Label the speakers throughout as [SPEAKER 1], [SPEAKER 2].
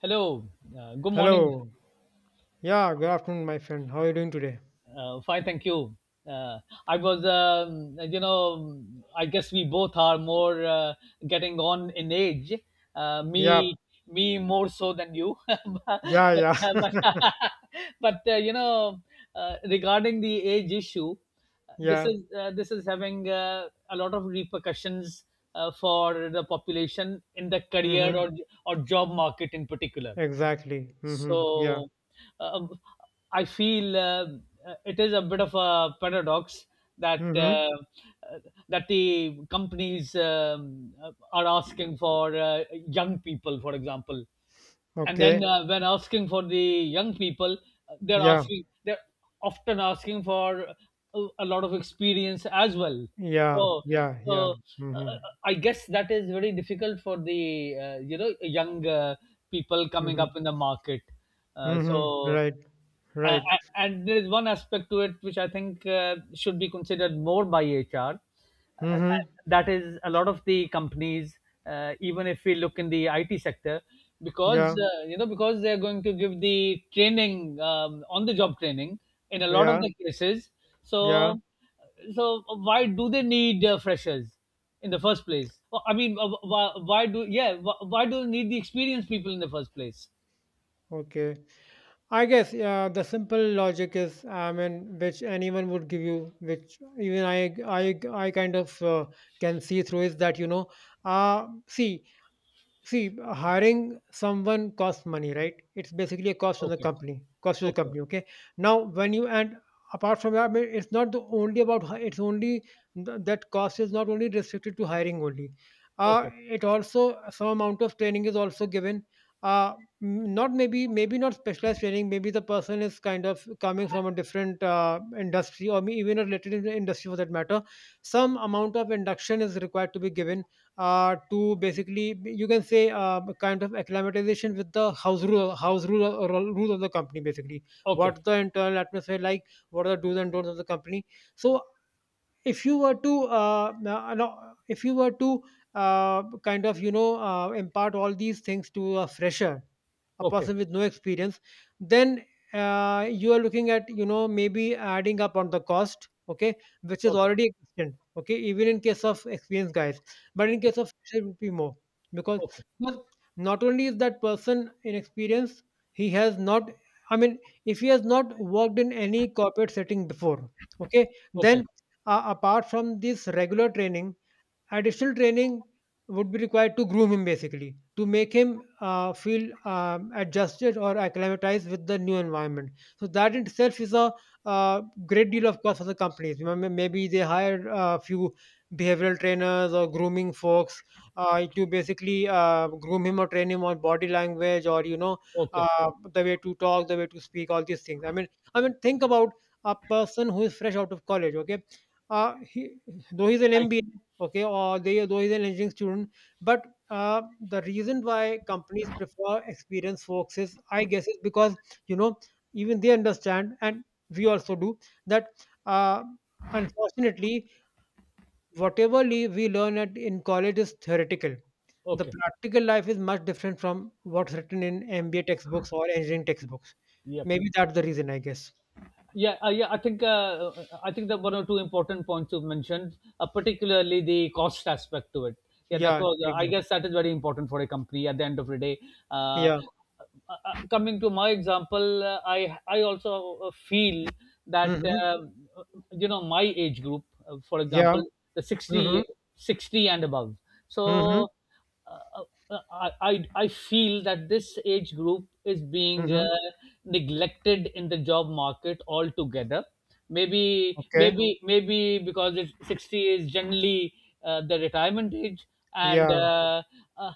[SPEAKER 1] Hello, good morning.
[SPEAKER 2] Hello. Yeah, good afternoon, my friend. How are you doing today?
[SPEAKER 1] Fine, thank you. Uh, I was, you know, I guess we both are more getting on in age. Uh,
[SPEAKER 2] Yeah,
[SPEAKER 1] me, me more so than you.
[SPEAKER 2] yeah, yeah,
[SPEAKER 1] But, but regarding the age issue, this
[SPEAKER 2] yeah.
[SPEAKER 1] is uh, this is having a lot of repercussions for the population in the career
[SPEAKER 2] Mm-hmm.
[SPEAKER 1] or job market in particular.
[SPEAKER 2] Exactly. Mm-hmm. Yeah.
[SPEAKER 1] So uh, I feel it is a bit of a paradox that uh,
[SPEAKER 2] Mm-hmm.
[SPEAKER 1] uh, that the companies are asking for young people, for example. And then
[SPEAKER 2] Okay.
[SPEAKER 1] when asking for the young people, they're
[SPEAKER 2] Yeah,
[SPEAKER 1] asking they're often asking for a lot of experience as well. so
[SPEAKER 2] yeah, yeah, yeah.
[SPEAKER 1] so uh,
[SPEAKER 2] Mm-hmm.
[SPEAKER 1] I guess that is very difficult for the young people coming up
[SPEAKER 2] Mm-hmm.
[SPEAKER 1] in the market,
[SPEAKER 2] Mm-hmm.
[SPEAKER 1] so,
[SPEAKER 2] Right,
[SPEAKER 1] uh,
[SPEAKER 2] right.
[SPEAKER 1] and there is one aspect to it which I think should be considered more by HR. Uh,
[SPEAKER 2] Mm-hmm.
[SPEAKER 1] that is, a lot of the companies, even if we look in the IT sector, because
[SPEAKER 2] Yeah,
[SPEAKER 1] you know because they are going to give the training, on the job training, in a lot of
[SPEAKER 2] yeah,
[SPEAKER 1] the cases.
[SPEAKER 2] yeah.
[SPEAKER 1] So, so why do they need freshers in the first place? Well, I mean, why do they need the experienced people in the first place?
[SPEAKER 2] Okay. I guess yeah, the simple logic is, I mean, which anyone would give you, which even I kind of can see through is that, you know, uh, see, See, hiring someone costs money, right? It's basically a cost on the
[SPEAKER 1] Okay.
[SPEAKER 2] company, cost to the
[SPEAKER 1] Okay.
[SPEAKER 2] company. Okay. Now, when you and apart from that, I mean, it's not the only about hi- it's only th- that cost is not only restricted to hiring only.
[SPEAKER 1] Okay.
[SPEAKER 2] It also some amount of training is also given. Uh, not maybe not specialized training. Maybe the person is kind of coming from a different industry or may- even a related in- industry for that matter. Some amount of induction is required to be given to basically you can say kind of acclimatization with the house rule or rule of the company basically,
[SPEAKER 1] Okay.
[SPEAKER 2] what the internal atmosphere like, what are the do's and don'ts of the company. So if you were to if you were to kind of you know impart all these things to a fresher, a
[SPEAKER 1] Okay.
[SPEAKER 2] person with no experience, then you are looking at you know maybe adding up on the cost, okay, which is
[SPEAKER 1] Okay.
[SPEAKER 2] already existent, okay, even in case of experienced guys. But in case of fresher it would be more because
[SPEAKER 1] Okay.
[SPEAKER 2] because not only is that person inexperienced, he has not, I mean, if he has not worked in any corporate setting before, okay,
[SPEAKER 1] Okay.
[SPEAKER 2] then apart from this regular training, additional training would be required to groom him basically, to make him feel adjusted or acclimatized with the new environment. So that in itself is a great deal of cost for the companies. Remember, maybe they hire a few behavioral trainers or grooming folks to basically groom him or train him on body language or you know
[SPEAKER 1] Okay.
[SPEAKER 2] the way to talk, the way to speak, all these things, I mean, think about a person who is fresh out of college, okay. He, though he's an
[SPEAKER 1] Right.
[SPEAKER 2] MBA, okay, or they are those is an engineering student, but the reason why companies prefer experienced folks is, I guess, is because you know even they understand, and we also do, that uh, unfortunately whatever le- we learn at in college is theoretical. The
[SPEAKER 1] Okay.
[SPEAKER 2] practical life is much different from what's written in MBA textbooks or engineering textbooks.
[SPEAKER 1] Yep.
[SPEAKER 2] Maybe that's the reason, I guess.
[SPEAKER 1] Yeah, yeah. I think that one or two important points you've mentioned, particularly the cost aspect to it. Yeah, that
[SPEAKER 2] Yeah,
[SPEAKER 1] was. I
[SPEAKER 2] exactly.
[SPEAKER 1] guess that is very important for a company at the end of the day. Uh, uh,
[SPEAKER 2] Yeah.
[SPEAKER 1] Coming to my example, I also feel that
[SPEAKER 2] Mm-hmm.
[SPEAKER 1] um, my age group, for
[SPEAKER 2] Yeah.
[SPEAKER 1] example, the
[SPEAKER 2] Mm-hmm.
[SPEAKER 1] 60, 60 and above.
[SPEAKER 2] Mm-hmm.
[SPEAKER 1] So uh, I feel that this age group is being
[SPEAKER 2] Mm-hmm.
[SPEAKER 1] neglected in the job market altogether. Maybe
[SPEAKER 2] Okay.
[SPEAKER 1] maybe maybe because it's 60 is generally the retirement age, and
[SPEAKER 2] Yeah.
[SPEAKER 1] uh,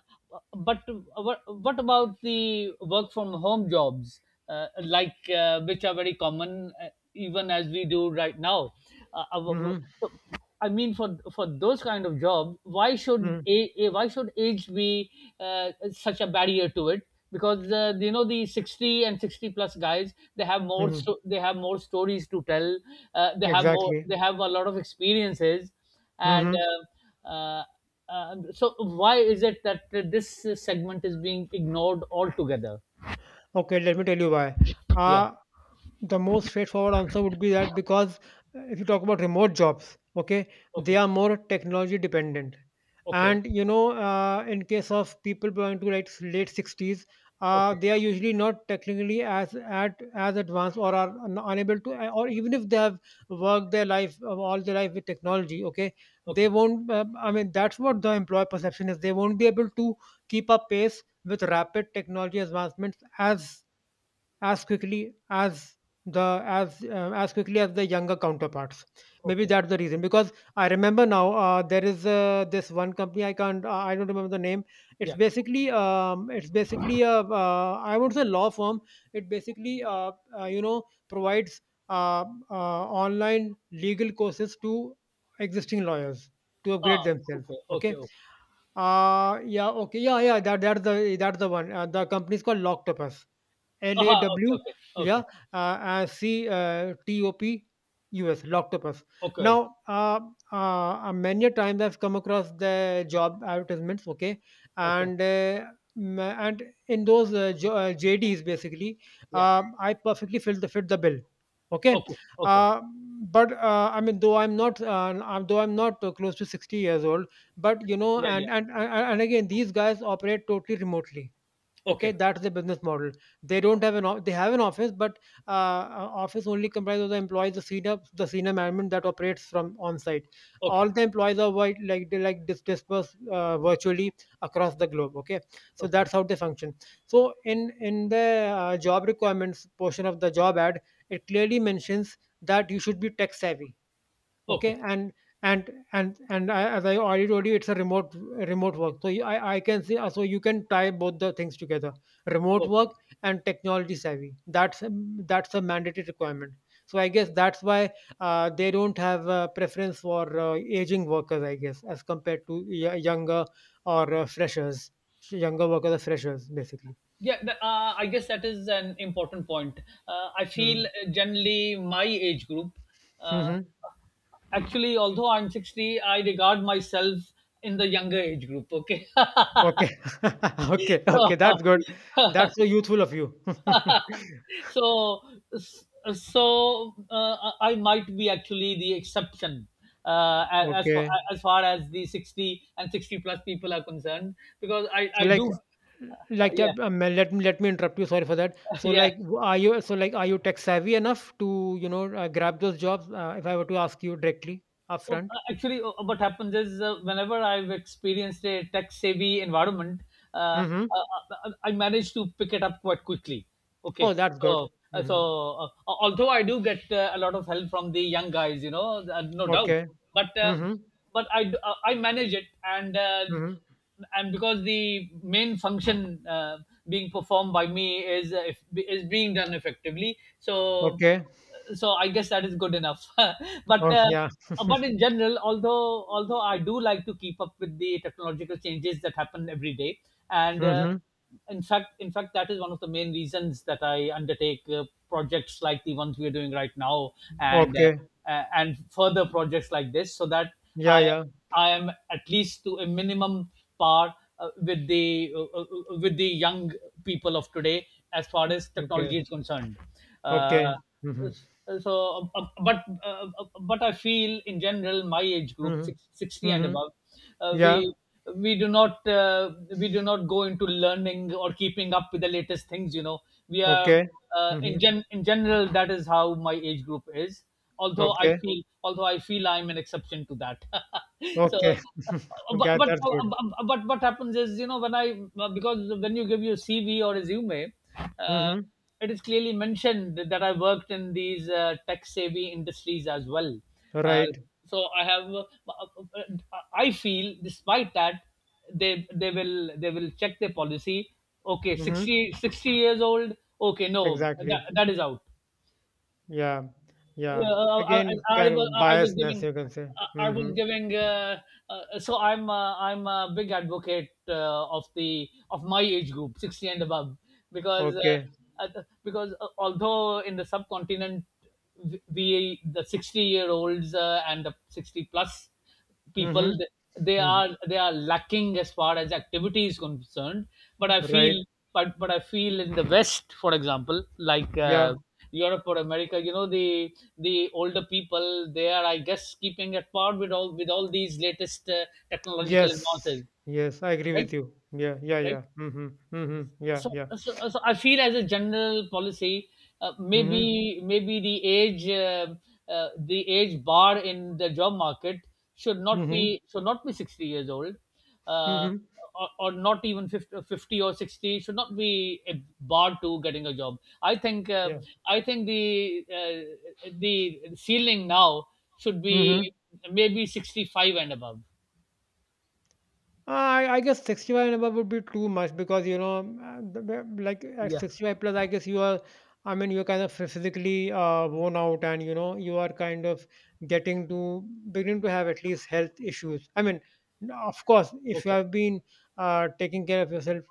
[SPEAKER 1] but what about the work from home jobs, like, which are very common even as we do right now. uh, uh, w- w-
[SPEAKER 2] Mm-hmm.
[SPEAKER 1] so, I mean, for those kind of jobs, why should
[SPEAKER 2] Mm,
[SPEAKER 1] why should age be such a barrier to it, because the 60 and 60 plus guys,
[SPEAKER 2] mhm,
[SPEAKER 1] they have more stories to tell,
[SPEAKER 2] exactly.
[SPEAKER 1] they have a lot of experiences, and
[SPEAKER 2] Mhm.
[SPEAKER 1] uh, uh, so why is it that this segment is being ignored altogether?
[SPEAKER 2] Okay, let me tell you why.
[SPEAKER 1] Yeah.
[SPEAKER 2] Uh, the most straightforward answer would be that because if you talk about remote jobs, okay, they
[SPEAKER 1] Okay.
[SPEAKER 2] are more technology dependent.
[SPEAKER 1] Okay.
[SPEAKER 2] And you know, in case of people belonging to like late 60s,
[SPEAKER 1] Okay.
[SPEAKER 2] they are usually not technically as at as advanced or are un- unable to, or even if they have worked their life all their life with technology, okay, they
[SPEAKER 1] Okay.
[SPEAKER 2] won't. I mean, that's what the employer perception is. They won't be able to keep up pace with rapid technology advancements as as quickly as the as quickly as the younger counterparts. Maybe
[SPEAKER 1] Okay.
[SPEAKER 2] that's the reason because I remember now there is this one company I can't I don't remember the name. It's
[SPEAKER 1] Yeah.
[SPEAKER 2] basically it's basically a I won't say law firm, it basically you know provides uh, online legal courses to existing lawyers to upgrade
[SPEAKER 1] Ah,
[SPEAKER 2] themselves,
[SPEAKER 1] okay. Okay.
[SPEAKER 2] okay.
[SPEAKER 1] Okay.
[SPEAKER 2] Yeah, okay, yeah, yeah, that's the that's the one, the company is called Loctopus.
[SPEAKER 1] Aha, okay.
[SPEAKER 2] LAW,
[SPEAKER 1] Okay.
[SPEAKER 2] yeah,
[SPEAKER 1] Okay.
[SPEAKER 2] C, TOP, US, Loctopus.
[SPEAKER 1] Okay.
[SPEAKER 2] Now, many a times I've come across the job advertisements, okay,
[SPEAKER 1] Okay.
[SPEAKER 2] and and in those JDs basically,
[SPEAKER 1] Yeah.
[SPEAKER 2] I perfectly fit the bill, okay.
[SPEAKER 1] Okay. Okay.
[SPEAKER 2] Uh, but I mean, though I'm not close to 60 years old, but you know,
[SPEAKER 1] Yeah.
[SPEAKER 2] and
[SPEAKER 1] Yeah.
[SPEAKER 2] and and and again, these guys operate totally remotely, okay,
[SPEAKER 1] Okay.
[SPEAKER 2] that's the business model. They don't have an o- they have an office, but uh, office only comprises of the employees, the senior management that operates from on site.
[SPEAKER 1] Okay.
[SPEAKER 2] All the employees are wi- like they like dis- dispersed virtually across the globe, okay, so
[SPEAKER 1] Okay.
[SPEAKER 2] that's how they function. So in the job requirements portion of the job ad, it clearly mentions that you should be tech savvy, okay,
[SPEAKER 1] Okay.
[SPEAKER 2] and I, as I already told you, it's a remote work, so you, I can see so you can tie both the things together: remote
[SPEAKER 1] Okay.
[SPEAKER 2] work and technology savvy. That's a- that's a mandatory requirement. So I guess that's why they don't have a preference for aging workers, I guess, as compared to y- younger or freshers, younger workers are freshers basically.
[SPEAKER 1] Yeah, I guess that is an important point. I feel,
[SPEAKER 2] Mm.
[SPEAKER 1] generally, my age group, uh,
[SPEAKER 2] Hmm.
[SPEAKER 1] actually, although I'm 60, I regard myself in the younger age group. Okay.
[SPEAKER 2] Okay. Okay, okay, that's good. That's so youthful of you.
[SPEAKER 1] so so so, I might be actually the exception, uh, as far,
[SPEAKER 2] Okay.
[SPEAKER 1] as far as the 60 and 60 plus people are concerned, because I
[SPEAKER 2] So
[SPEAKER 1] I
[SPEAKER 2] like
[SPEAKER 1] do. Yeah.
[SPEAKER 2] let me interrupt you. Sorry for that. So
[SPEAKER 1] Yeah.
[SPEAKER 2] like w- are you, so like, are you tech savvy enough to you know grab those jobs? If I were to ask you directly
[SPEAKER 1] Oh,
[SPEAKER 2] upfront.
[SPEAKER 1] actually, what happens is, whenever I've experienced a tech-savvy environment, uh,
[SPEAKER 2] Mm-hmm.
[SPEAKER 1] uh, I manage to pick it up quite quickly.
[SPEAKER 2] Oh,
[SPEAKER 1] Okay,
[SPEAKER 2] that's good.
[SPEAKER 1] so uh,
[SPEAKER 2] Mm-hmm.
[SPEAKER 1] so uh, although I do get a lot of help from the young guys, no doubt,
[SPEAKER 2] Okay.
[SPEAKER 1] but uh,
[SPEAKER 2] Mm-hmm.
[SPEAKER 1] but I manage it, and,
[SPEAKER 2] Mm-hmm.
[SPEAKER 1] and because the main function being performed by me is, if, is being done effectively. So,
[SPEAKER 2] Okay.
[SPEAKER 1] so I guess that is good enough. but,
[SPEAKER 2] Oh yeah.
[SPEAKER 1] but in general, although I do like to keep up with the technological changes that happen every day, and,
[SPEAKER 2] Mm-hmm.
[SPEAKER 1] in fact, that is one of the main reasons that I undertake projects like the ones we are doing right now, and,
[SPEAKER 2] Okay.
[SPEAKER 1] and further projects like this, so that
[SPEAKER 2] Yeah.
[SPEAKER 1] I
[SPEAKER 2] Yeah.
[SPEAKER 1] I am at least to a minimum par with the young people of today as far as technology
[SPEAKER 2] Okay.
[SPEAKER 1] is concerned.
[SPEAKER 2] Okay.
[SPEAKER 1] Uh,
[SPEAKER 2] Mm-hmm.
[SPEAKER 1] so, but I feel in general my age group,
[SPEAKER 2] Mm-hmm.
[SPEAKER 1] 60 and
[SPEAKER 2] Mm-hmm.
[SPEAKER 1] above, uh,
[SPEAKER 2] Yeah.
[SPEAKER 1] we we do not, go into learning or keeping up with the latest things. You know, we are
[SPEAKER 2] Okay. Mm-hmm.
[SPEAKER 1] in general, that is how my age group is, although i
[SPEAKER 2] Okay.
[SPEAKER 1] feel although i feel I'm an exception to that. So,
[SPEAKER 2] Okay.
[SPEAKER 1] but,
[SPEAKER 2] okay. That's good.
[SPEAKER 1] what happens is, you know when I because when you give your CV or resume, uh,
[SPEAKER 2] Mm-hmm.
[SPEAKER 1] it is clearly mentioned that I worked in these, tech savvy industries as well, uh,
[SPEAKER 2] Right.
[SPEAKER 1] so I have, I feel despite that they will check their policy. Okay,
[SPEAKER 2] Mm-hmm.
[SPEAKER 1] sixty years old. Okay, no, that,
[SPEAKER 2] Exactly.
[SPEAKER 1] that is out.
[SPEAKER 2] Yeah,
[SPEAKER 1] uh,
[SPEAKER 2] yeah.
[SPEAKER 1] I,
[SPEAKER 2] Again,
[SPEAKER 1] I,
[SPEAKER 2] kind of
[SPEAKER 1] I was
[SPEAKER 2] biasness,
[SPEAKER 1] giving,
[SPEAKER 2] you can say.
[SPEAKER 1] I was
[SPEAKER 2] Mm-hmm.
[SPEAKER 1] giving, so I'm, I'm a big advocate of, the of my age group, 60 and above, because,
[SPEAKER 2] Okay.
[SPEAKER 1] because, although in the subcontinent, we, the 60-year olds, and the 60 plus people,
[SPEAKER 2] Mm-hmm.
[SPEAKER 1] they
[SPEAKER 2] Hmm.
[SPEAKER 1] are, they are lacking as far as activity is concerned. But I feel,
[SPEAKER 2] Right.
[SPEAKER 1] but I feel in the West, for example, like,
[SPEAKER 2] Yeah.
[SPEAKER 1] Europe or America, the older people, they are, I guess, keeping at par with all, with all these latest, technological
[SPEAKER 2] Yes.
[SPEAKER 1] advances.
[SPEAKER 2] Yes. I agree
[SPEAKER 1] Right.
[SPEAKER 2] with you. Yeah. Yeah.
[SPEAKER 1] Right.
[SPEAKER 2] Yeah. Mm-hmm. Mm-hmm. Yeah.
[SPEAKER 1] So,
[SPEAKER 2] Yeah.
[SPEAKER 1] so, so I feel, as a general policy,
[SPEAKER 2] Mm-hmm.
[SPEAKER 1] maybe maybe the age, the age bar in the job market should not
[SPEAKER 2] Mm-hmm.
[SPEAKER 1] be, should not be 60 years old, uh,
[SPEAKER 2] Mm-hmm.
[SPEAKER 1] or not even 50, or 50 or 60 should not be a bar to getting a job. I think,
[SPEAKER 2] Yeah.
[SPEAKER 1] I think the, the ceiling now should
[SPEAKER 2] Hmm.
[SPEAKER 1] be maybe 65 and above.
[SPEAKER 2] I guess 65 and above would be too much because you know, like at
[SPEAKER 1] Yeah.
[SPEAKER 2] 65 plus, I guess you are, I mean, you're kind of physically worn out and you know, you are kind of getting to beginning to have at least health issues. I mean, n- of course, if you
[SPEAKER 1] Okay.
[SPEAKER 2] have been taking care of yourself,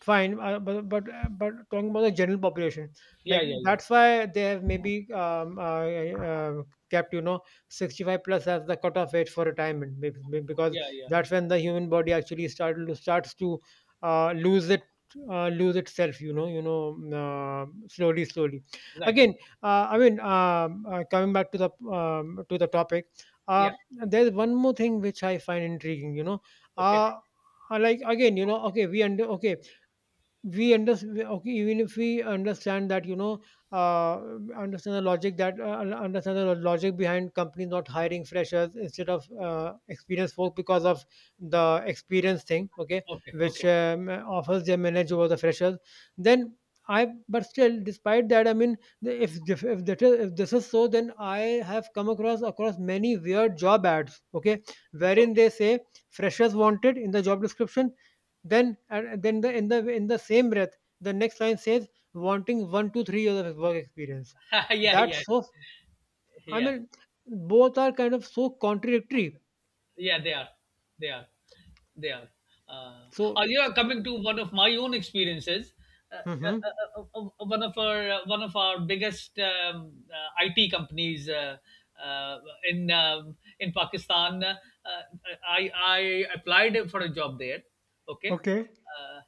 [SPEAKER 2] fine, but talking about the general population,
[SPEAKER 1] Yeah.
[SPEAKER 2] like
[SPEAKER 1] Yeah. Yeah.
[SPEAKER 2] that's why they have maybe uh, kept you know 65 plus as the cutoff age for retirement, maybe because
[SPEAKER 1] Yeah. Yeah.
[SPEAKER 2] that's when the human body actually starts to uh, lose it lose itself, you know, you know, slowly slowly
[SPEAKER 1] Right.
[SPEAKER 2] again. I mean coming back to the topic, uh,
[SPEAKER 1] Yeah.
[SPEAKER 2] there's one more thing which I find intriguing, you know.
[SPEAKER 1] Okay.
[SPEAKER 2] uh, like again you know we understand, okay, even if we understand that you know uh, understand the logic behind companies not hiring freshers instead of experienced folk because of the experience thing, okay,
[SPEAKER 1] Okay, okay,
[SPEAKER 2] which offers them manage over the freshers. Then I, but still despite that, I mean, the- if that is, if this is so, then I have come across many weird job ads, okay, wherein
[SPEAKER 1] okay.
[SPEAKER 2] they say freshers wanted in the job description, then and then the in the same breath, the next line says wanting 1 to 3 years of work experience.
[SPEAKER 1] Yeah, yeah,
[SPEAKER 2] That's so. I
[SPEAKER 1] yeah.
[SPEAKER 2] mean, both are kind of so contradictory.
[SPEAKER 1] Yeah, they are. They are. They are. Uh, oh,
[SPEAKER 2] So,
[SPEAKER 1] you are coming to one of my own experiences.
[SPEAKER 2] hmm.
[SPEAKER 1] One of our, one of our biggest, IT companies, uh, in, in Pakistan. Uh, I applied for a job there. Okay,
[SPEAKER 2] Okay.
[SPEAKER 1] uh,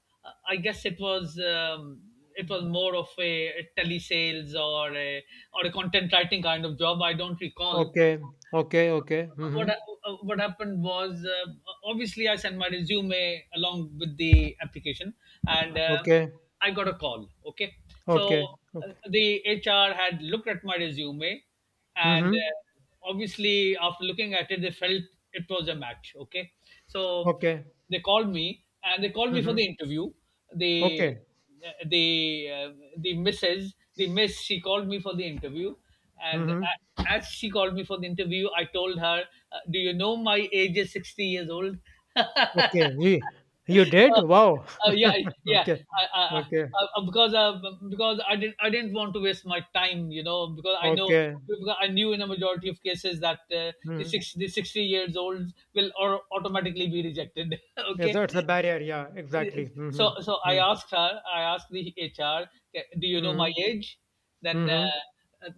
[SPEAKER 1] I guess it was, it was
[SPEAKER 2] Mm.
[SPEAKER 1] more of a telesales or a, or a content writing kind of job. I don't recall
[SPEAKER 2] Okay, okay, okay. Hmm.
[SPEAKER 1] what, what happened was, obviously I sent my resume along with the application, and,
[SPEAKER 2] Okay,
[SPEAKER 1] I got a call. Okay, so,
[SPEAKER 2] okay, okay.
[SPEAKER 1] the HR had looked at my resume, and,
[SPEAKER 2] Hmm.
[SPEAKER 1] obviously after looking at it, they felt it was a match. Okay, so
[SPEAKER 2] Okay.
[SPEAKER 1] they called me, and they called me for
[SPEAKER 2] Hmm.
[SPEAKER 1] the interview. They
[SPEAKER 2] Okay.
[SPEAKER 1] the the missus, the miss, she called me for the interview, and,
[SPEAKER 2] Hmm.
[SPEAKER 1] a- as she called me for the interview, I told her, "Do you know my age is 60 years old?"
[SPEAKER 2] Okay. You did?
[SPEAKER 1] Uh,
[SPEAKER 2] Wow.
[SPEAKER 1] yeah, yeah.
[SPEAKER 2] Okay,
[SPEAKER 1] I, I,
[SPEAKER 2] okay,
[SPEAKER 1] I, I, because, because I didn't, I didn't want to waste my time, because I know,
[SPEAKER 2] okay.
[SPEAKER 1] because I knew in a majority of cases that, the
[SPEAKER 2] Hmm.
[SPEAKER 1] six, the 60 years olds will, or automatically be rejected.
[SPEAKER 2] Yes,
[SPEAKER 1] Okay,
[SPEAKER 2] it's a barrier. Yeah, exactly. Hmm.
[SPEAKER 1] so, so I asked her, I asked the HR, "Okay, do you know my
[SPEAKER 2] Mhm.
[SPEAKER 1] age?" Then,
[SPEAKER 2] Mhm.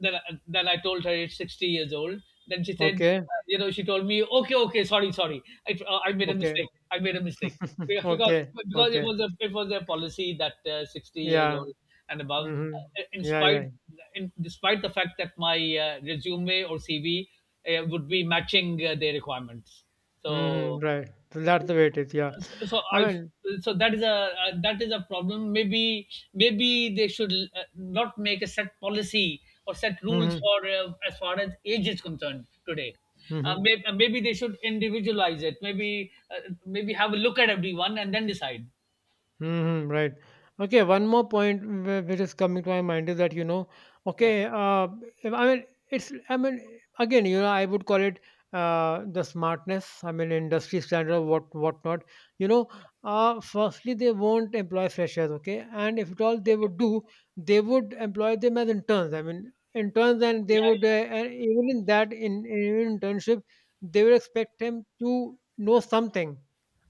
[SPEAKER 1] then I told her it's 60 years old. Then she said,
[SPEAKER 2] Okay.
[SPEAKER 1] she told me, okay, okay, sorry, sorry, I made a
[SPEAKER 2] Okay.
[SPEAKER 1] mistake. I made a mistake because because
[SPEAKER 2] Okay.
[SPEAKER 1] because it
[SPEAKER 2] Okay.
[SPEAKER 1] was a, it was a policy that, 60 years
[SPEAKER 2] Yeah.
[SPEAKER 1] old and above,
[SPEAKER 2] Mhm.
[SPEAKER 1] in
[SPEAKER 2] Yeah.
[SPEAKER 1] spite,
[SPEAKER 2] Yeah.
[SPEAKER 1] in, despite the fact that my, resume or CV, would be matching, their requirements.
[SPEAKER 2] Mhm.
[SPEAKER 1] So,
[SPEAKER 2] Right. So that's the way it is. Yeah.
[SPEAKER 1] so, so
[SPEAKER 2] I
[SPEAKER 1] I
[SPEAKER 2] mean.
[SPEAKER 1] so that is a, that is a problem. Maybe, maybe they should, not make a set policy or set rules
[SPEAKER 2] Mhm.
[SPEAKER 1] for, as far as age is concerned today.
[SPEAKER 2] Mhm.
[SPEAKER 1] Maybe they should individualize it. Maybe have a look at everyone and then decide.
[SPEAKER 2] Mhm, right. Okay, one more point wh- which is coming to my mind is that, you know,
[SPEAKER 1] Yeah.
[SPEAKER 2] okay, uh, if- I mean, it's, I mean, again, you know, I would call it the smartness, I mean, industry standard, what not. You know, firstly, they won't employ freshers, okay? And if at all they
[SPEAKER 1] Okay.
[SPEAKER 2] would do, they would employ them as interns. I mean, interns, and they would,
[SPEAKER 1] Yeah.
[SPEAKER 2] and even in that, in internship, they would expect him to know something.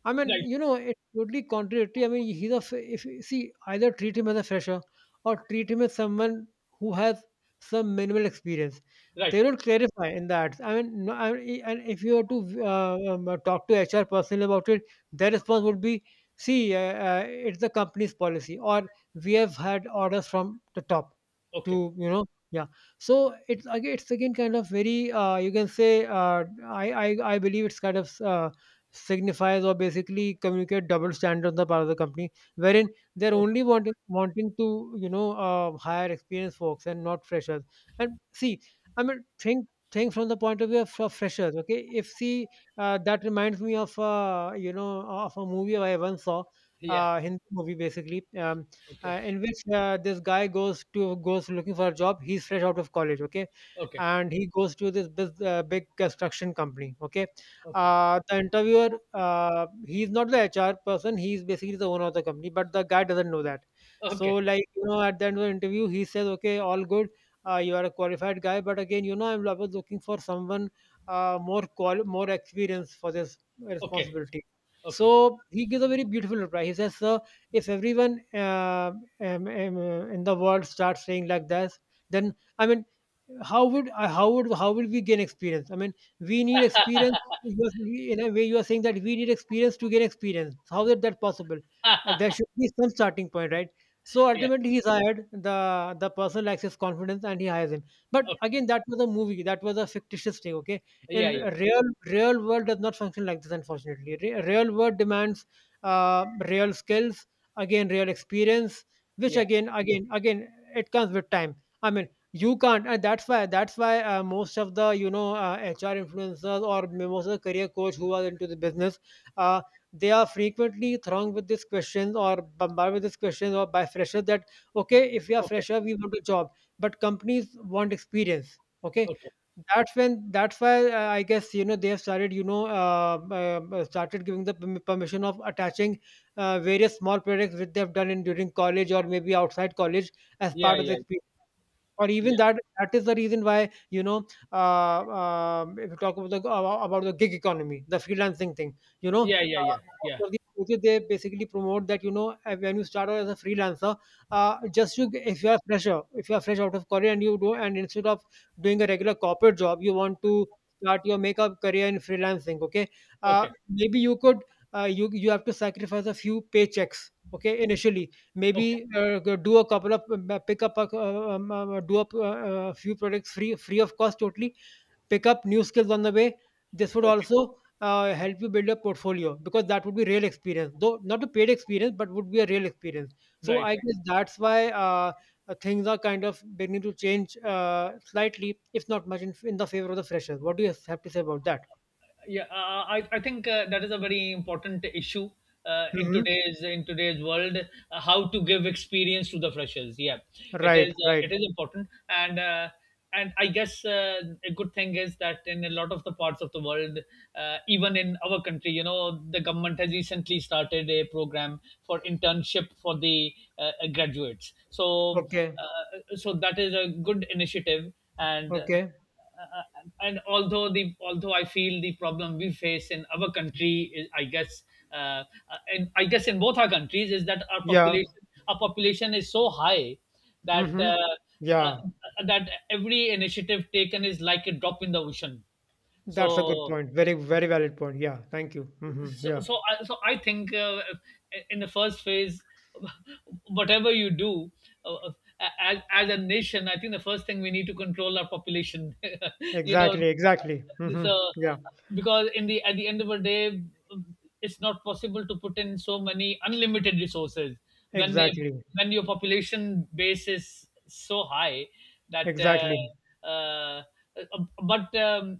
[SPEAKER 2] I
[SPEAKER 1] Yeah.
[SPEAKER 2] mean,
[SPEAKER 1] Right.
[SPEAKER 2] you know, totally contradictory. I mean, he's a f- if see, either treat him as a fresher or treat him as someone who has some minimal experience.
[SPEAKER 1] Right.
[SPEAKER 2] They don't clarify in the ads. I mean, no, I mean, and if you were to talk to HR personally about it, their response would be, "See, it's the company's policy," or "We have had orders from the top
[SPEAKER 1] Okay.
[SPEAKER 2] to. Yeah, so it's again kind of very you can say I believe it's kind of signifies or basically communicate double standard on the part of the company, wherein they're
[SPEAKER 1] Okay.
[SPEAKER 2] only wanting to hire experienced folks and not freshers. And see, I mean think from the point of view of freshers. Okay, if see that reminds me of you know of a movie I once saw.
[SPEAKER 1] Yeah.
[SPEAKER 2] Hindi movie basically,
[SPEAKER 1] Okay.
[SPEAKER 2] in which this guy goes looking for a job. He's fresh out of college, okay,
[SPEAKER 1] Okay.
[SPEAKER 2] and he goes to this big construction company, okay,
[SPEAKER 1] Okay.
[SPEAKER 2] the interviewer, he's not the HR person. He's basically the owner of the company, but the guy doesn't know that. So,
[SPEAKER 1] Okay.
[SPEAKER 2] like you know, at the end of the interview, he says, "Okay, all good. You are a qualified guy, but again, you know, I was looking for someone more experience for this
[SPEAKER 1] Okay.
[SPEAKER 2] responsibility."
[SPEAKER 1] Okay.
[SPEAKER 2] So he gives a very beautiful reply. He says, "Sir, if everyone in the world starts saying like this, then I mean, how would we gain experience? I mean, we need experience. You are- In a way, you are saying that we need experience to gain experience. How is that possible? And there should be some starting point, right? So
[SPEAKER 1] Yeah.
[SPEAKER 2] ultimately, he's hired. The person lacks his confidence, and he hires him. But
[SPEAKER 1] Okay.
[SPEAKER 2] again, that was a movie. That was a fictitious thing. Okay,
[SPEAKER 1] Yeah.
[SPEAKER 2] in
[SPEAKER 1] Yeah. Yeah.
[SPEAKER 2] real world does not function like this. Unfortunately, real world demands real skills, again real experience, which
[SPEAKER 1] Yeah.
[SPEAKER 2] again it comes with time. I mean, you can't and that's why most of the HR influencers or most of the career coach who are into the business uh, they are frequently thronged with these questions or bombarded with these questions or by freshers that okay if you are
[SPEAKER 1] Okay.
[SPEAKER 2] fresher we want a job but companies want experience okay
[SPEAKER 1] Okay.
[SPEAKER 2] that's why I guess you know they have started started giving the permission of attaching various small projects which they have done in during college or maybe outside college as
[SPEAKER 1] Yeah.
[SPEAKER 2] part of the
[SPEAKER 1] Yeah.
[SPEAKER 2] experience or even
[SPEAKER 1] Yeah.
[SPEAKER 2] that is the reason why if you talk about the gig economy the freelancing thing
[SPEAKER 1] Yeah, yeah, yeah, yeah.
[SPEAKER 2] most of the places, they basically promote that when you start out as a freelancer just you if you are fresher if you are fresh out of career and you do and instead of doing a regular corporate job you want to start your makeup career in freelancing okay
[SPEAKER 1] Okay,
[SPEAKER 2] maybe you could you have to sacrifice a few paychecks okay initially.
[SPEAKER 1] okay,
[SPEAKER 2] Maybe go do a couple of pick up a, do up a few products free of cost totally. Pick up new skills on the way. This would
[SPEAKER 1] okay.
[SPEAKER 2] also help you build a portfolio because that would be real experience, though not a paid experience, but would be a real experience. So
[SPEAKER 1] Right,
[SPEAKER 2] I
[SPEAKER 1] right.
[SPEAKER 2] guess that's why things are kind of beginning to change slightly, if not much, in the favor of the freshers. What do you have to say about that?
[SPEAKER 1] Yeah, I think that is a very important issue in
[SPEAKER 2] Mm-hmm.
[SPEAKER 1] today's world. How to give experience to the freshers, yeah. It
[SPEAKER 2] Right,
[SPEAKER 1] is
[SPEAKER 2] right.
[SPEAKER 1] it is important, and I guess a good thing is that in a lot of the parts of the world, even in our country, you know, the government has recently started a program for internship for the graduates. so
[SPEAKER 2] Okay,
[SPEAKER 1] uh, so that is a good initiative. and uh,
[SPEAKER 2] okay.
[SPEAKER 1] and although the although I feel the problem we face in our country is, I guess, uh, and I guess in both our countries, is that our
[SPEAKER 2] Yeah.
[SPEAKER 1] population is so high that
[SPEAKER 2] Mm-hmm.
[SPEAKER 1] uh,
[SPEAKER 2] Yeah.
[SPEAKER 1] that every initiative taken is like a drop in the ocean.
[SPEAKER 2] That's a good
[SPEAKER 1] So
[SPEAKER 2] point. Very, very valid point. Yeah. Thank you.
[SPEAKER 1] so
[SPEAKER 2] Yeah.
[SPEAKER 1] so I, so I think in the first phase, whatever you do, uh, uh, as a nation, I think the first thing we need to control our population. you know
[SPEAKER 2] Exactly. Exactly.
[SPEAKER 1] this
[SPEAKER 2] Yeah.
[SPEAKER 1] Because in the at the end of the day, it's not possible to put in so many unlimited resources when they,
[SPEAKER 2] Exactly.
[SPEAKER 1] when your population base is so high that
[SPEAKER 2] Exactly.
[SPEAKER 1] uh, but um,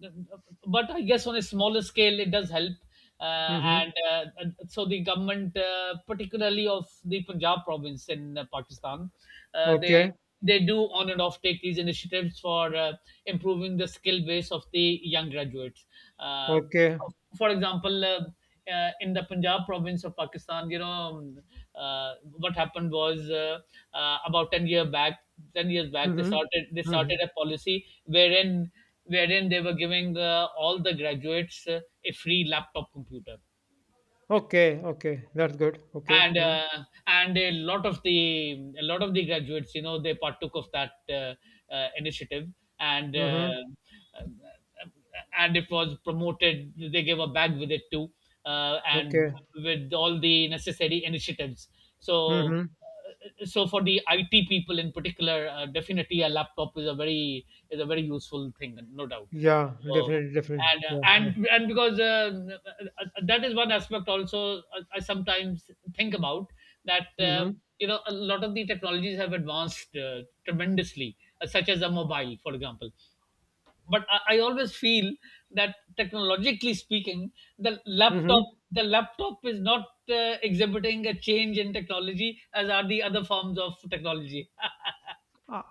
[SPEAKER 1] but I guess on a smaller scale it does help. Uh,
[SPEAKER 2] hmm
[SPEAKER 1] and So the government, particularly of the Punjab province in Pakistan, uh, they
[SPEAKER 2] Okay.
[SPEAKER 1] they do on and off take these initiatives for improving the skill base of the young graduates. Uh,
[SPEAKER 2] Okay.
[SPEAKER 1] for example, in the Punjab province of Pakistan, you know, what happened was about 10 years back, they
[SPEAKER 2] hmm
[SPEAKER 1] started they
[SPEAKER 2] hmm
[SPEAKER 1] started a policy wherein they were giving all the graduates a free laptop computer.
[SPEAKER 2] Okay. Okay. That's good. Okay.
[SPEAKER 1] and
[SPEAKER 2] Mm-hmm.
[SPEAKER 1] uh, and a lot of the graduates, you know, they partook of that initiative, and uh,
[SPEAKER 2] Mm-hmm.
[SPEAKER 1] uh, and it was promoted. They gave a bag with it too, and
[SPEAKER 2] Okay.
[SPEAKER 1] with all the necessary initiatives. so
[SPEAKER 2] hmm
[SPEAKER 1] so for the IT people in particular, definitely a laptop is a very useful thing, no doubt.
[SPEAKER 2] Yeah.
[SPEAKER 1] So,
[SPEAKER 2] Definitely. Definitely.
[SPEAKER 1] and uh,
[SPEAKER 2] Yeah. Yeah.
[SPEAKER 1] and and because that is one aspect also I sometimes think about, that
[SPEAKER 2] Mm-hmm.
[SPEAKER 1] you know, a lot of the technologies have advanced tremendously, such as a mobile, for example. But I always feel that technologically speaking, the laptop
[SPEAKER 2] Mm-hmm.
[SPEAKER 1] the laptop is not exhibiting a change in technology as are the other forms of technology.
[SPEAKER 2] I,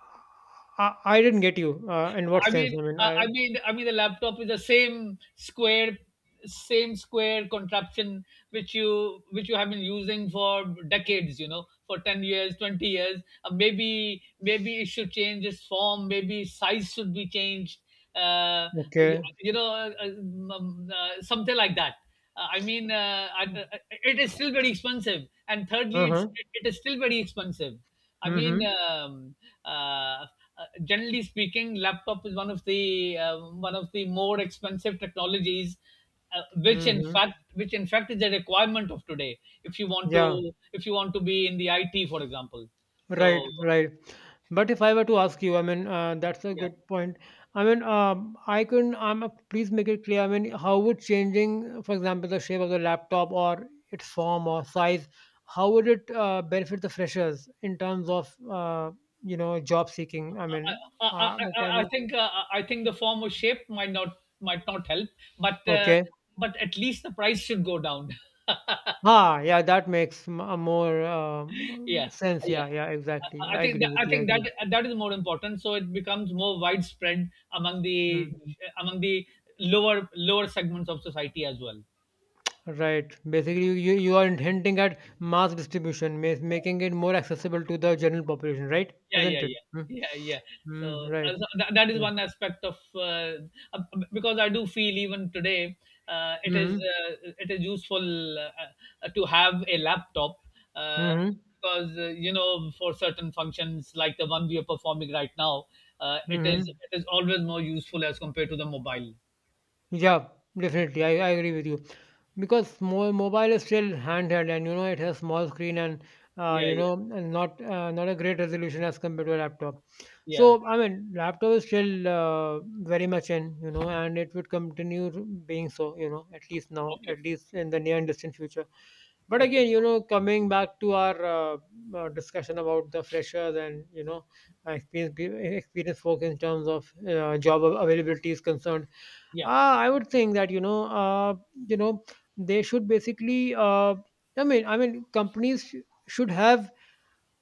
[SPEAKER 2] I didn't get you. In what
[SPEAKER 1] I
[SPEAKER 2] sense?
[SPEAKER 1] mean,
[SPEAKER 2] I mean,
[SPEAKER 1] uh, I
[SPEAKER 2] I.
[SPEAKER 1] mean, I mean, the laptop is the same square contraption which you have been using for decades. You know, for 10 years, 20 years. Maybe maybe it should change its form. Maybe size should be changed. Uh, you,
[SPEAKER 2] Okay.
[SPEAKER 1] you know, uh, uh, Something like that. Uh, I mean, uh, I, uh, it is still very expensive, and
[SPEAKER 2] Uh
[SPEAKER 1] thirdly,
[SPEAKER 2] huh.
[SPEAKER 1] it is still very expensive. I mean,
[SPEAKER 2] Mm-hmm.
[SPEAKER 1] um, uh, uh, Generally speaking, laptop is one of the more expensive technologies,
[SPEAKER 2] Mm-hmm.
[SPEAKER 1] which in fact is a requirement of today. If you want
[SPEAKER 2] Yeah.
[SPEAKER 1] to be in the IT, for example.
[SPEAKER 2] Right.
[SPEAKER 1] So,
[SPEAKER 2] Right. But if I were to ask you, I mean, that's a
[SPEAKER 1] yeah.
[SPEAKER 2] good point. I mean, I can, please make it clear. I mean, how would changing, for example, the shape of the laptop or its form or size, how would it benefit the freshers in terms of, you know, job seeking? I
[SPEAKER 1] I,
[SPEAKER 2] mean,
[SPEAKER 1] I, I,
[SPEAKER 2] can
[SPEAKER 1] I I
[SPEAKER 2] you,
[SPEAKER 1] think I think the form or shape might not help, but uh,
[SPEAKER 2] okay.
[SPEAKER 1] but at least the price should go down.
[SPEAKER 2] Ah, yeah, that makes a more
[SPEAKER 1] Yeah,
[SPEAKER 2] sense.
[SPEAKER 1] yeah.
[SPEAKER 2] Yeah, yeah, exactly.
[SPEAKER 1] i I
[SPEAKER 2] I
[SPEAKER 1] think
[SPEAKER 2] agree
[SPEAKER 1] that,
[SPEAKER 2] with
[SPEAKER 1] i
[SPEAKER 2] you. I
[SPEAKER 1] think that
[SPEAKER 2] agree.
[SPEAKER 1] that is more important, so it becomes more widespread among the
[SPEAKER 2] Hmm.
[SPEAKER 1] among the lower lower segments of society as well.
[SPEAKER 2] Right. Basically, you are hinting at mass distribution, making it more accessible to the general population, right?
[SPEAKER 1] Yeah,
[SPEAKER 2] Isn't
[SPEAKER 1] yeah,
[SPEAKER 2] it?
[SPEAKER 1] yeah, yeah. So,
[SPEAKER 2] Mm-hmm. Right.
[SPEAKER 1] that is
[SPEAKER 2] Right.
[SPEAKER 1] one aspect of uh, because I do feel even today uh, it is
[SPEAKER 2] Mm-hmm.
[SPEAKER 1] uh, it is useful to have a laptop uh,
[SPEAKER 2] Mm-hmm.
[SPEAKER 1] because, you know, for certain functions like the one we are performing right now,
[SPEAKER 2] hmm
[SPEAKER 1] it is always more useful as compared to the mobile.
[SPEAKER 2] Yeah, definitely. I agree with you. Because mobile is still handheld and you know it has small screen and
[SPEAKER 1] Yeah,
[SPEAKER 2] you
[SPEAKER 1] yeah,
[SPEAKER 2] know and not not a great resolution as compared to a laptop.
[SPEAKER 1] yeah.
[SPEAKER 2] So I mean laptop is still very much in you know and it would continue to being so you know at least now
[SPEAKER 1] Okay,
[SPEAKER 2] at least in the near and distant future. But
[SPEAKER 1] okay.
[SPEAKER 2] again you know coming back to our discussion about the freshers and you know experience folks in terms of job availability is concerned
[SPEAKER 1] Yeah,
[SPEAKER 2] I would think that you know, they should basically. I mean, companies should have.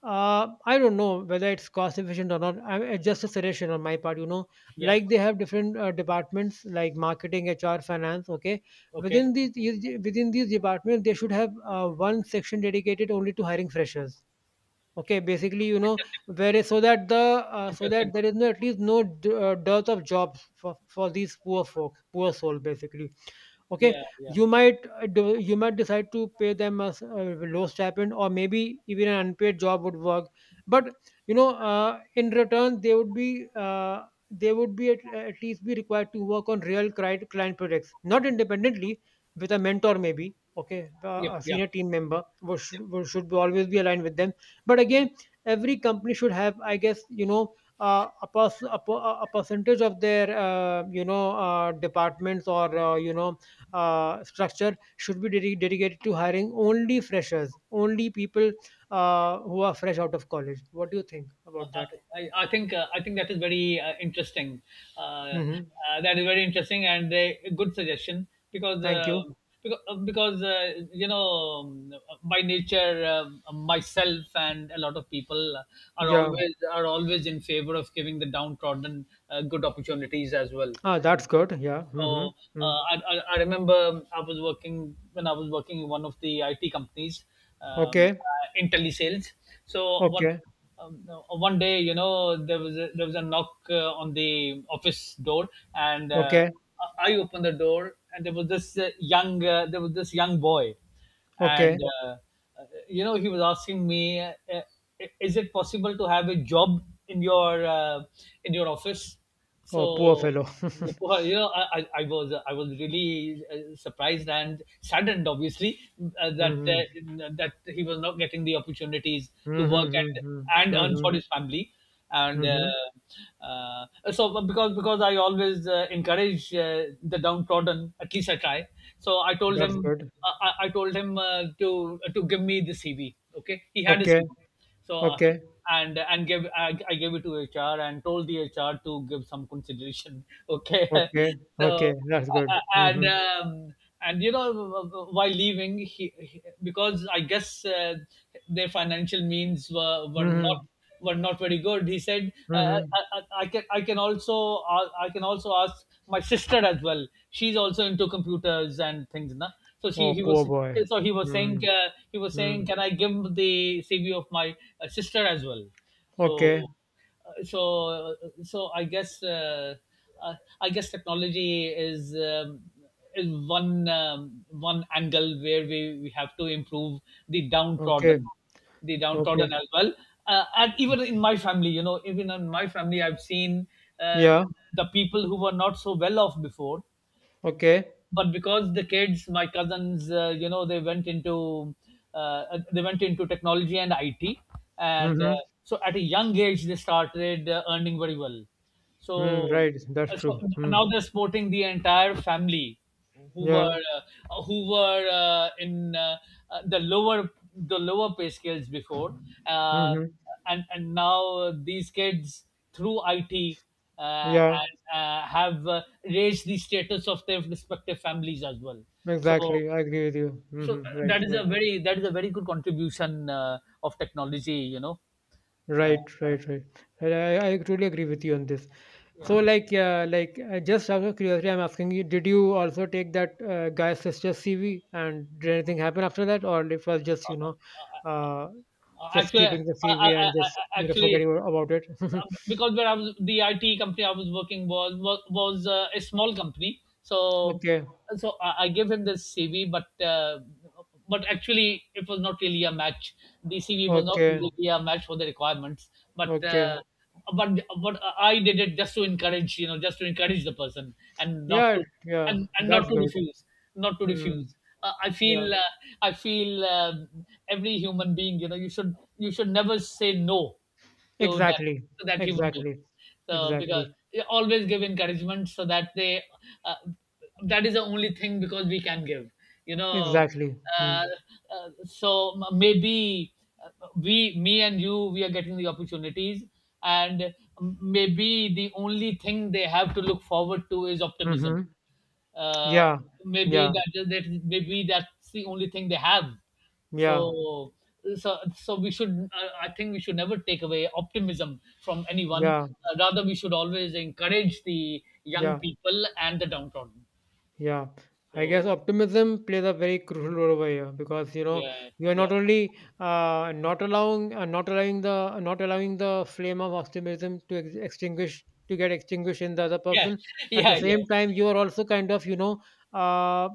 [SPEAKER 2] I don't know whether it's cost efficient or not. I it's just a suggestion on my part. You know,
[SPEAKER 1] yeah.
[SPEAKER 2] like they have different departments like marketing, HR, finance. Okay,
[SPEAKER 1] Okay.
[SPEAKER 2] within these departments, they should have one section dedicated only to hiring freshers. Okay, basically, you know, where so that the so
[SPEAKER 1] Interesting.
[SPEAKER 2] that there is no at least no d- dearth of jobs for these poor folk, poor soul, basically okay
[SPEAKER 1] Yeah, yeah.
[SPEAKER 2] you might you might decide to pay them a low stipend or maybe even an unpaid job would work but you know in return they would be at least be required to work on real client projects not independently with a mentor maybe okay
[SPEAKER 1] Yep,
[SPEAKER 2] a
[SPEAKER 1] yep.
[SPEAKER 2] senior team member who should be always be aligned with them but again every company should have I guess you know a percentage of their you know departments or you know structure should be dedicated to hiring only freshers, only people who are fresh out of college. What do you think
[SPEAKER 1] Uh, uh,
[SPEAKER 2] about that?
[SPEAKER 1] I think that is very interesting. Uh,
[SPEAKER 2] hmm
[SPEAKER 1] that is very interesting and a good suggestion because
[SPEAKER 2] Thank you.
[SPEAKER 1] because, you know, um, by nature, myself and a lot of people are
[SPEAKER 2] Yeah.
[SPEAKER 1] always in favor of giving the downtrodden good opportunities as well.
[SPEAKER 2] Ah, that's good. Yeah.
[SPEAKER 1] So,
[SPEAKER 2] Mm.
[SPEAKER 1] I remember I was working, when I was working in one of the IT companies,
[SPEAKER 2] Okay.
[SPEAKER 1] IntelliSales. So what,
[SPEAKER 2] Okay.
[SPEAKER 1] one day, you know, there was a knock on the office door, and
[SPEAKER 2] Okay.
[SPEAKER 1] I opened the door, and there was this young there was this young boy,
[SPEAKER 2] Okay.
[SPEAKER 1] and you know, he was asking me, is it possible to have a job in your uh, in your office?
[SPEAKER 2] Oh, poor
[SPEAKER 1] So,
[SPEAKER 2] fellow.
[SPEAKER 1] before, you know, I was really surprised and saddened obviously
[SPEAKER 2] mm-hmm.
[SPEAKER 1] that he was not getting the opportunities to work and
[SPEAKER 2] Mm-hmm.
[SPEAKER 1] earn for
[SPEAKER 2] Mm-hmm.
[SPEAKER 1] his family, and
[SPEAKER 2] Mm-hmm.
[SPEAKER 1] uh, so because I always encourage the downtrodden, at least I try. So I told
[SPEAKER 2] That's
[SPEAKER 1] him,
[SPEAKER 2] good.
[SPEAKER 1] I told him to give me the CV. Okay, he had a
[SPEAKER 2] Okay.
[SPEAKER 1] CV, so
[SPEAKER 2] Okay.
[SPEAKER 1] I gave it to HR and told the HR to give some consideration. Okay,
[SPEAKER 2] Okay.
[SPEAKER 1] so
[SPEAKER 2] Okay. That's good.
[SPEAKER 1] uh, and
[SPEAKER 2] Mm-hmm.
[SPEAKER 1] um, and you know, while leaving, because I guess their financial means were
[SPEAKER 2] Mm-hmm.
[SPEAKER 1] not very good. He said,
[SPEAKER 2] Mm-hmm.
[SPEAKER 1] I can also ask my sister as well. She's also into computers and things, na. So she
[SPEAKER 2] Oh,
[SPEAKER 1] he
[SPEAKER 2] poor
[SPEAKER 1] was
[SPEAKER 2] boy.
[SPEAKER 1] so he was saying,
[SPEAKER 2] Mm-hmm. Mm.
[SPEAKER 1] can I give the CV of my sister as well? So
[SPEAKER 2] Okay.
[SPEAKER 1] so so uh, I guess technology is one one angle where we have to improve the
[SPEAKER 2] Okay,
[SPEAKER 1] downtrodden, the downtrodden
[SPEAKER 2] okay.
[SPEAKER 1] as well. And even in my family, you know, even in my family, I've seen uh,
[SPEAKER 2] Yeah,
[SPEAKER 1] the people who were not so well off before,
[SPEAKER 2] okay.
[SPEAKER 1] but because the kids, my cousins, you know, they went into they went into technology and it, and
[SPEAKER 2] Mm-hmm.
[SPEAKER 1] so at a young age they started earning very well.
[SPEAKER 2] Mm,
[SPEAKER 1] so
[SPEAKER 2] right, that's
[SPEAKER 1] so
[SPEAKER 2] true. Mm.
[SPEAKER 1] now they're supporting the entire family
[SPEAKER 2] Yeah.
[SPEAKER 1] who were in the lower pay scales before, uh,
[SPEAKER 2] Mm-hmm.
[SPEAKER 1] and now these kids, through it,
[SPEAKER 2] Yeah,
[SPEAKER 1] and have raised the status of their respective families as well. So,
[SPEAKER 2] exactly. I agree with you.
[SPEAKER 1] so
[SPEAKER 2] Mm-hmm. Right,
[SPEAKER 1] that is
[SPEAKER 2] right.
[SPEAKER 1] a very good contribution of technology. You know, uh,
[SPEAKER 2] Right, right, right. And I truly agree with you on this. So, like, yeah, like, just out of curiosity, I'm asking you, did you also take that guy's sister's CV and did anything happen after that? Or it was just, you know, uh, just
[SPEAKER 1] actually,
[SPEAKER 2] keeping the
[SPEAKER 1] I,
[SPEAKER 2] CV
[SPEAKER 1] I,
[SPEAKER 2] and just, you know,
[SPEAKER 1] actually,
[SPEAKER 2] forgetting about it?
[SPEAKER 1] because where I was, the IT company I was working was a small company, so
[SPEAKER 2] okay,
[SPEAKER 1] I gave him this CV, but actually it was not really a match. The CV was not
[SPEAKER 2] okay,
[SPEAKER 1] really a match for the requirements, but.
[SPEAKER 2] okay.
[SPEAKER 1] But but I did it just to encourage, you know, just to encourage the person, and not
[SPEAKER 2] Yeah,
[SPEAKER 1] to
[SPEAKER 2] yeah,
[SPEAKER 1] and not
[SPEAKER 2] that's
[SPEAKER 1] to
[SPEAKER 2] good.
[SPEAKER 1] refuse, not to
[SPEAKER 2] Mm,
[SPEAKER 1] refuse I
[SPEAKER 2] yeah,
[SPEAKER 1] feel, I feel uh, every human being, you know, you should never say no to that,
[SPEAKER 2] exactly,
[SPEAKER 1] to that human being.
[SPEAKER 2] exactly,
[SPEAKER 1] So, because
[SPEAKER 2] exactly,
[SPEAKER 1] they always give encouragement so that they, uh, that is the only thing because we can give. You know,
[SPEAKER 2] exactly.
[SPEAKER 1] uh,
[SPEAKER 2] Mm,
[SPEAKER 1] maybe we, me and you, we are getting the opportunities, and maybe the only thing they have to look forward to is optimism.
[SPEAKER 2] mm-hmm.
[SPEAKER 1] Uh,
[SPEAKER 2] Yeah,
[SPEAKER 1] maybe
[SPEAKER 2] yeah,
[SPEAKER 1] that that maybe that's the only thing they have.
[SPEAKER 2] yeah,
[SPEAKER 1] So so we should, I think we should never take away optimism from anyone.
[SPEAKER 2] yeah,
[SPEAKER 1] Rather, we should always encourage the young
[SPEAKER 2] yeah.
[SPEAKER 1] people and the downtrodden.
[SPEAKER 2] Yeah, I guess
[SPEAKER 1] So,
[SPEAKER 2] optimism plays a very crucial role over here because you know
[SPEAKER 1] yeah,
[SPEAKER 2] you are
[SPEAKER 1] yeah,
[SPEAKER 2] not only not allowing not allowing the not allowing the flame of optimism to extinguish to get extinguished in the other
[SPEAKER 1] yeah,
[SPEAKER 2] person. At the
[SPEAKER 1] yeah, yeah,
[SPEAKER 2] same time, you are also kind of you know uh,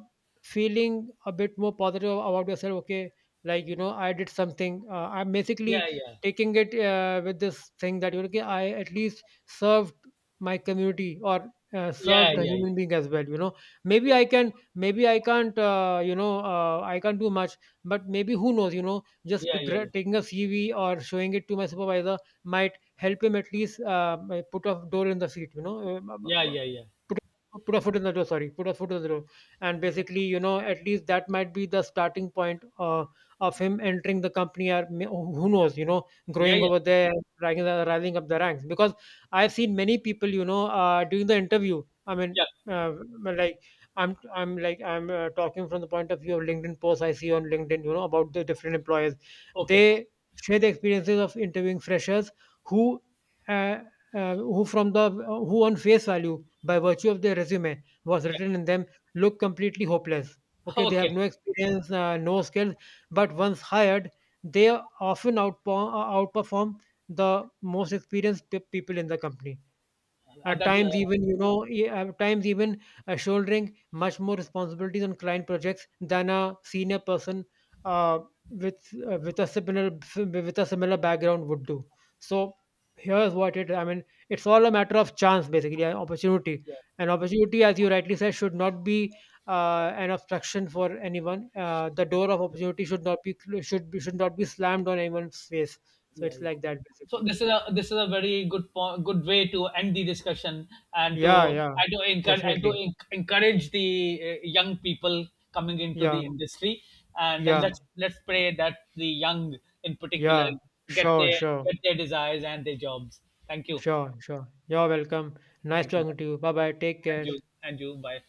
[SPEAKER 2] feeling a bit more positive about yourself. Okay, like you know I did something. I'm
[SPEAKER 1] yeah,
[SPEAKER 2] basically
[SPEAKER 1] yeah,
[SPEAKER 2] taking it with this thing that you know, okay I at least served my community or
[SPEAKER 1] yeah,
[SPEAKER 2] served a
[SPEAKER 1] yeah,
[SPEAKER 2] human
[SPEAKER 1] yeah,
[SPEAKER 2] being as well. You know maybe i can maybe I can't you know I can't do much but maybe who knows you know just
[SPEAKER 1] yeah,
[SPEAKER 2] to
[SPEAKER 1] yeah,
[SPEAKER 2] taking a CV or showing it to my supervisor might help him at least put a door in the seat you know
[SPEAKER 1] yeah,
[SPEAKER 2] uh,
[SPEAKER 1] yeah, yeah, yeah,
[SPEAKER 2] put a foot in the door sorry put a foot in the door and basically you know at least that might be the starting point of him entering the company or may- oh, who knows you know
[SPEAKER 1] yeah, yeah,
[SPEAKER 2] growing
[SPEAKER 1] yeah.
[SPEAKER 2] over there rising, rising up the ranks because I've seen many people you know during the interview I mean uh, well, like I'm like I'm talking from the point of view of LinkedIn posts I see on LinkedIn you know about the different employers
[SPEAKER 1] Okay,
[SPEAKER 2] they share the experiences of interviewing freshers who uh, who from the who on face value by virtue of their resume was
[SPEAKER 1] yeah,
[SPEAKER 2] written in them look completely hopeless. Okay, they have
[SPEAKER 1] okay.
[SPEAKER 2] no experience, no skills, but once hired, they often outperform the most experienced people in the company.
[SPEAKER 1] Uh,
[SPEAKER 2] At
[SPEAKER 1] that,
[SPEAKER 2] times,
[SPEAKER 1] uh,
[SPEAKER 2] even you know, at times even shouldering much more responsibilities on client projects than a senior person uh, with uh, with a similar with a similar background would do. So here's what it. I mean, it's all a matter of chance, basically, an opportunity.
[SPEAKER 1] yeah.
[SPEAKER 2] An opportunity, as you rightly said, should not be an obstruction for anyone. The door of opportunity should not be should not be slammed on anyone's face. So
[SPEAKER 1] Yeah.
[SPEAKER 2] it's
[SPEAKER 1] Yeah.
[SPEAKER 2] like that,
[SPEAKER 1] So
[SPEAKER 2] basically.
[SPEAKER 1] this is a very good point, good way to end the discussion and
[SPEAKER 2] Yeah,
[SPEAKER 1] to
[SPEAKER 2] yeah,
[SPEAKER 1] encourage and to
[SPEAKER 2] definitely.
[SPEAKER 1] encourage the young people coming into
[SPEAKER 2] Yeah.
[SPEAKER 1] the industry. and uh,
[SPEAKER 2] Yeah,
[SPEAKER 1] let's let's pray that the young, in particular,
[SPEAKER 2] yeah.
[SPEAKER 1] get
[SPEAKER 2] Sure,
[SPEAKER 1] their
[SPEAKER 2] sure,
[SPEAKER 1] desires and their jobs. Thank you,
[SPEAKER 2] sure, sure. You're welcome. Nice
[SPEAKER 1] thank you, bye.
[SPEAKER 2] talking to you. Bye bye. Take
[SPEAKER 1] and
[SPEAKER 2] care.
[SPEAKER 1] you and you bye.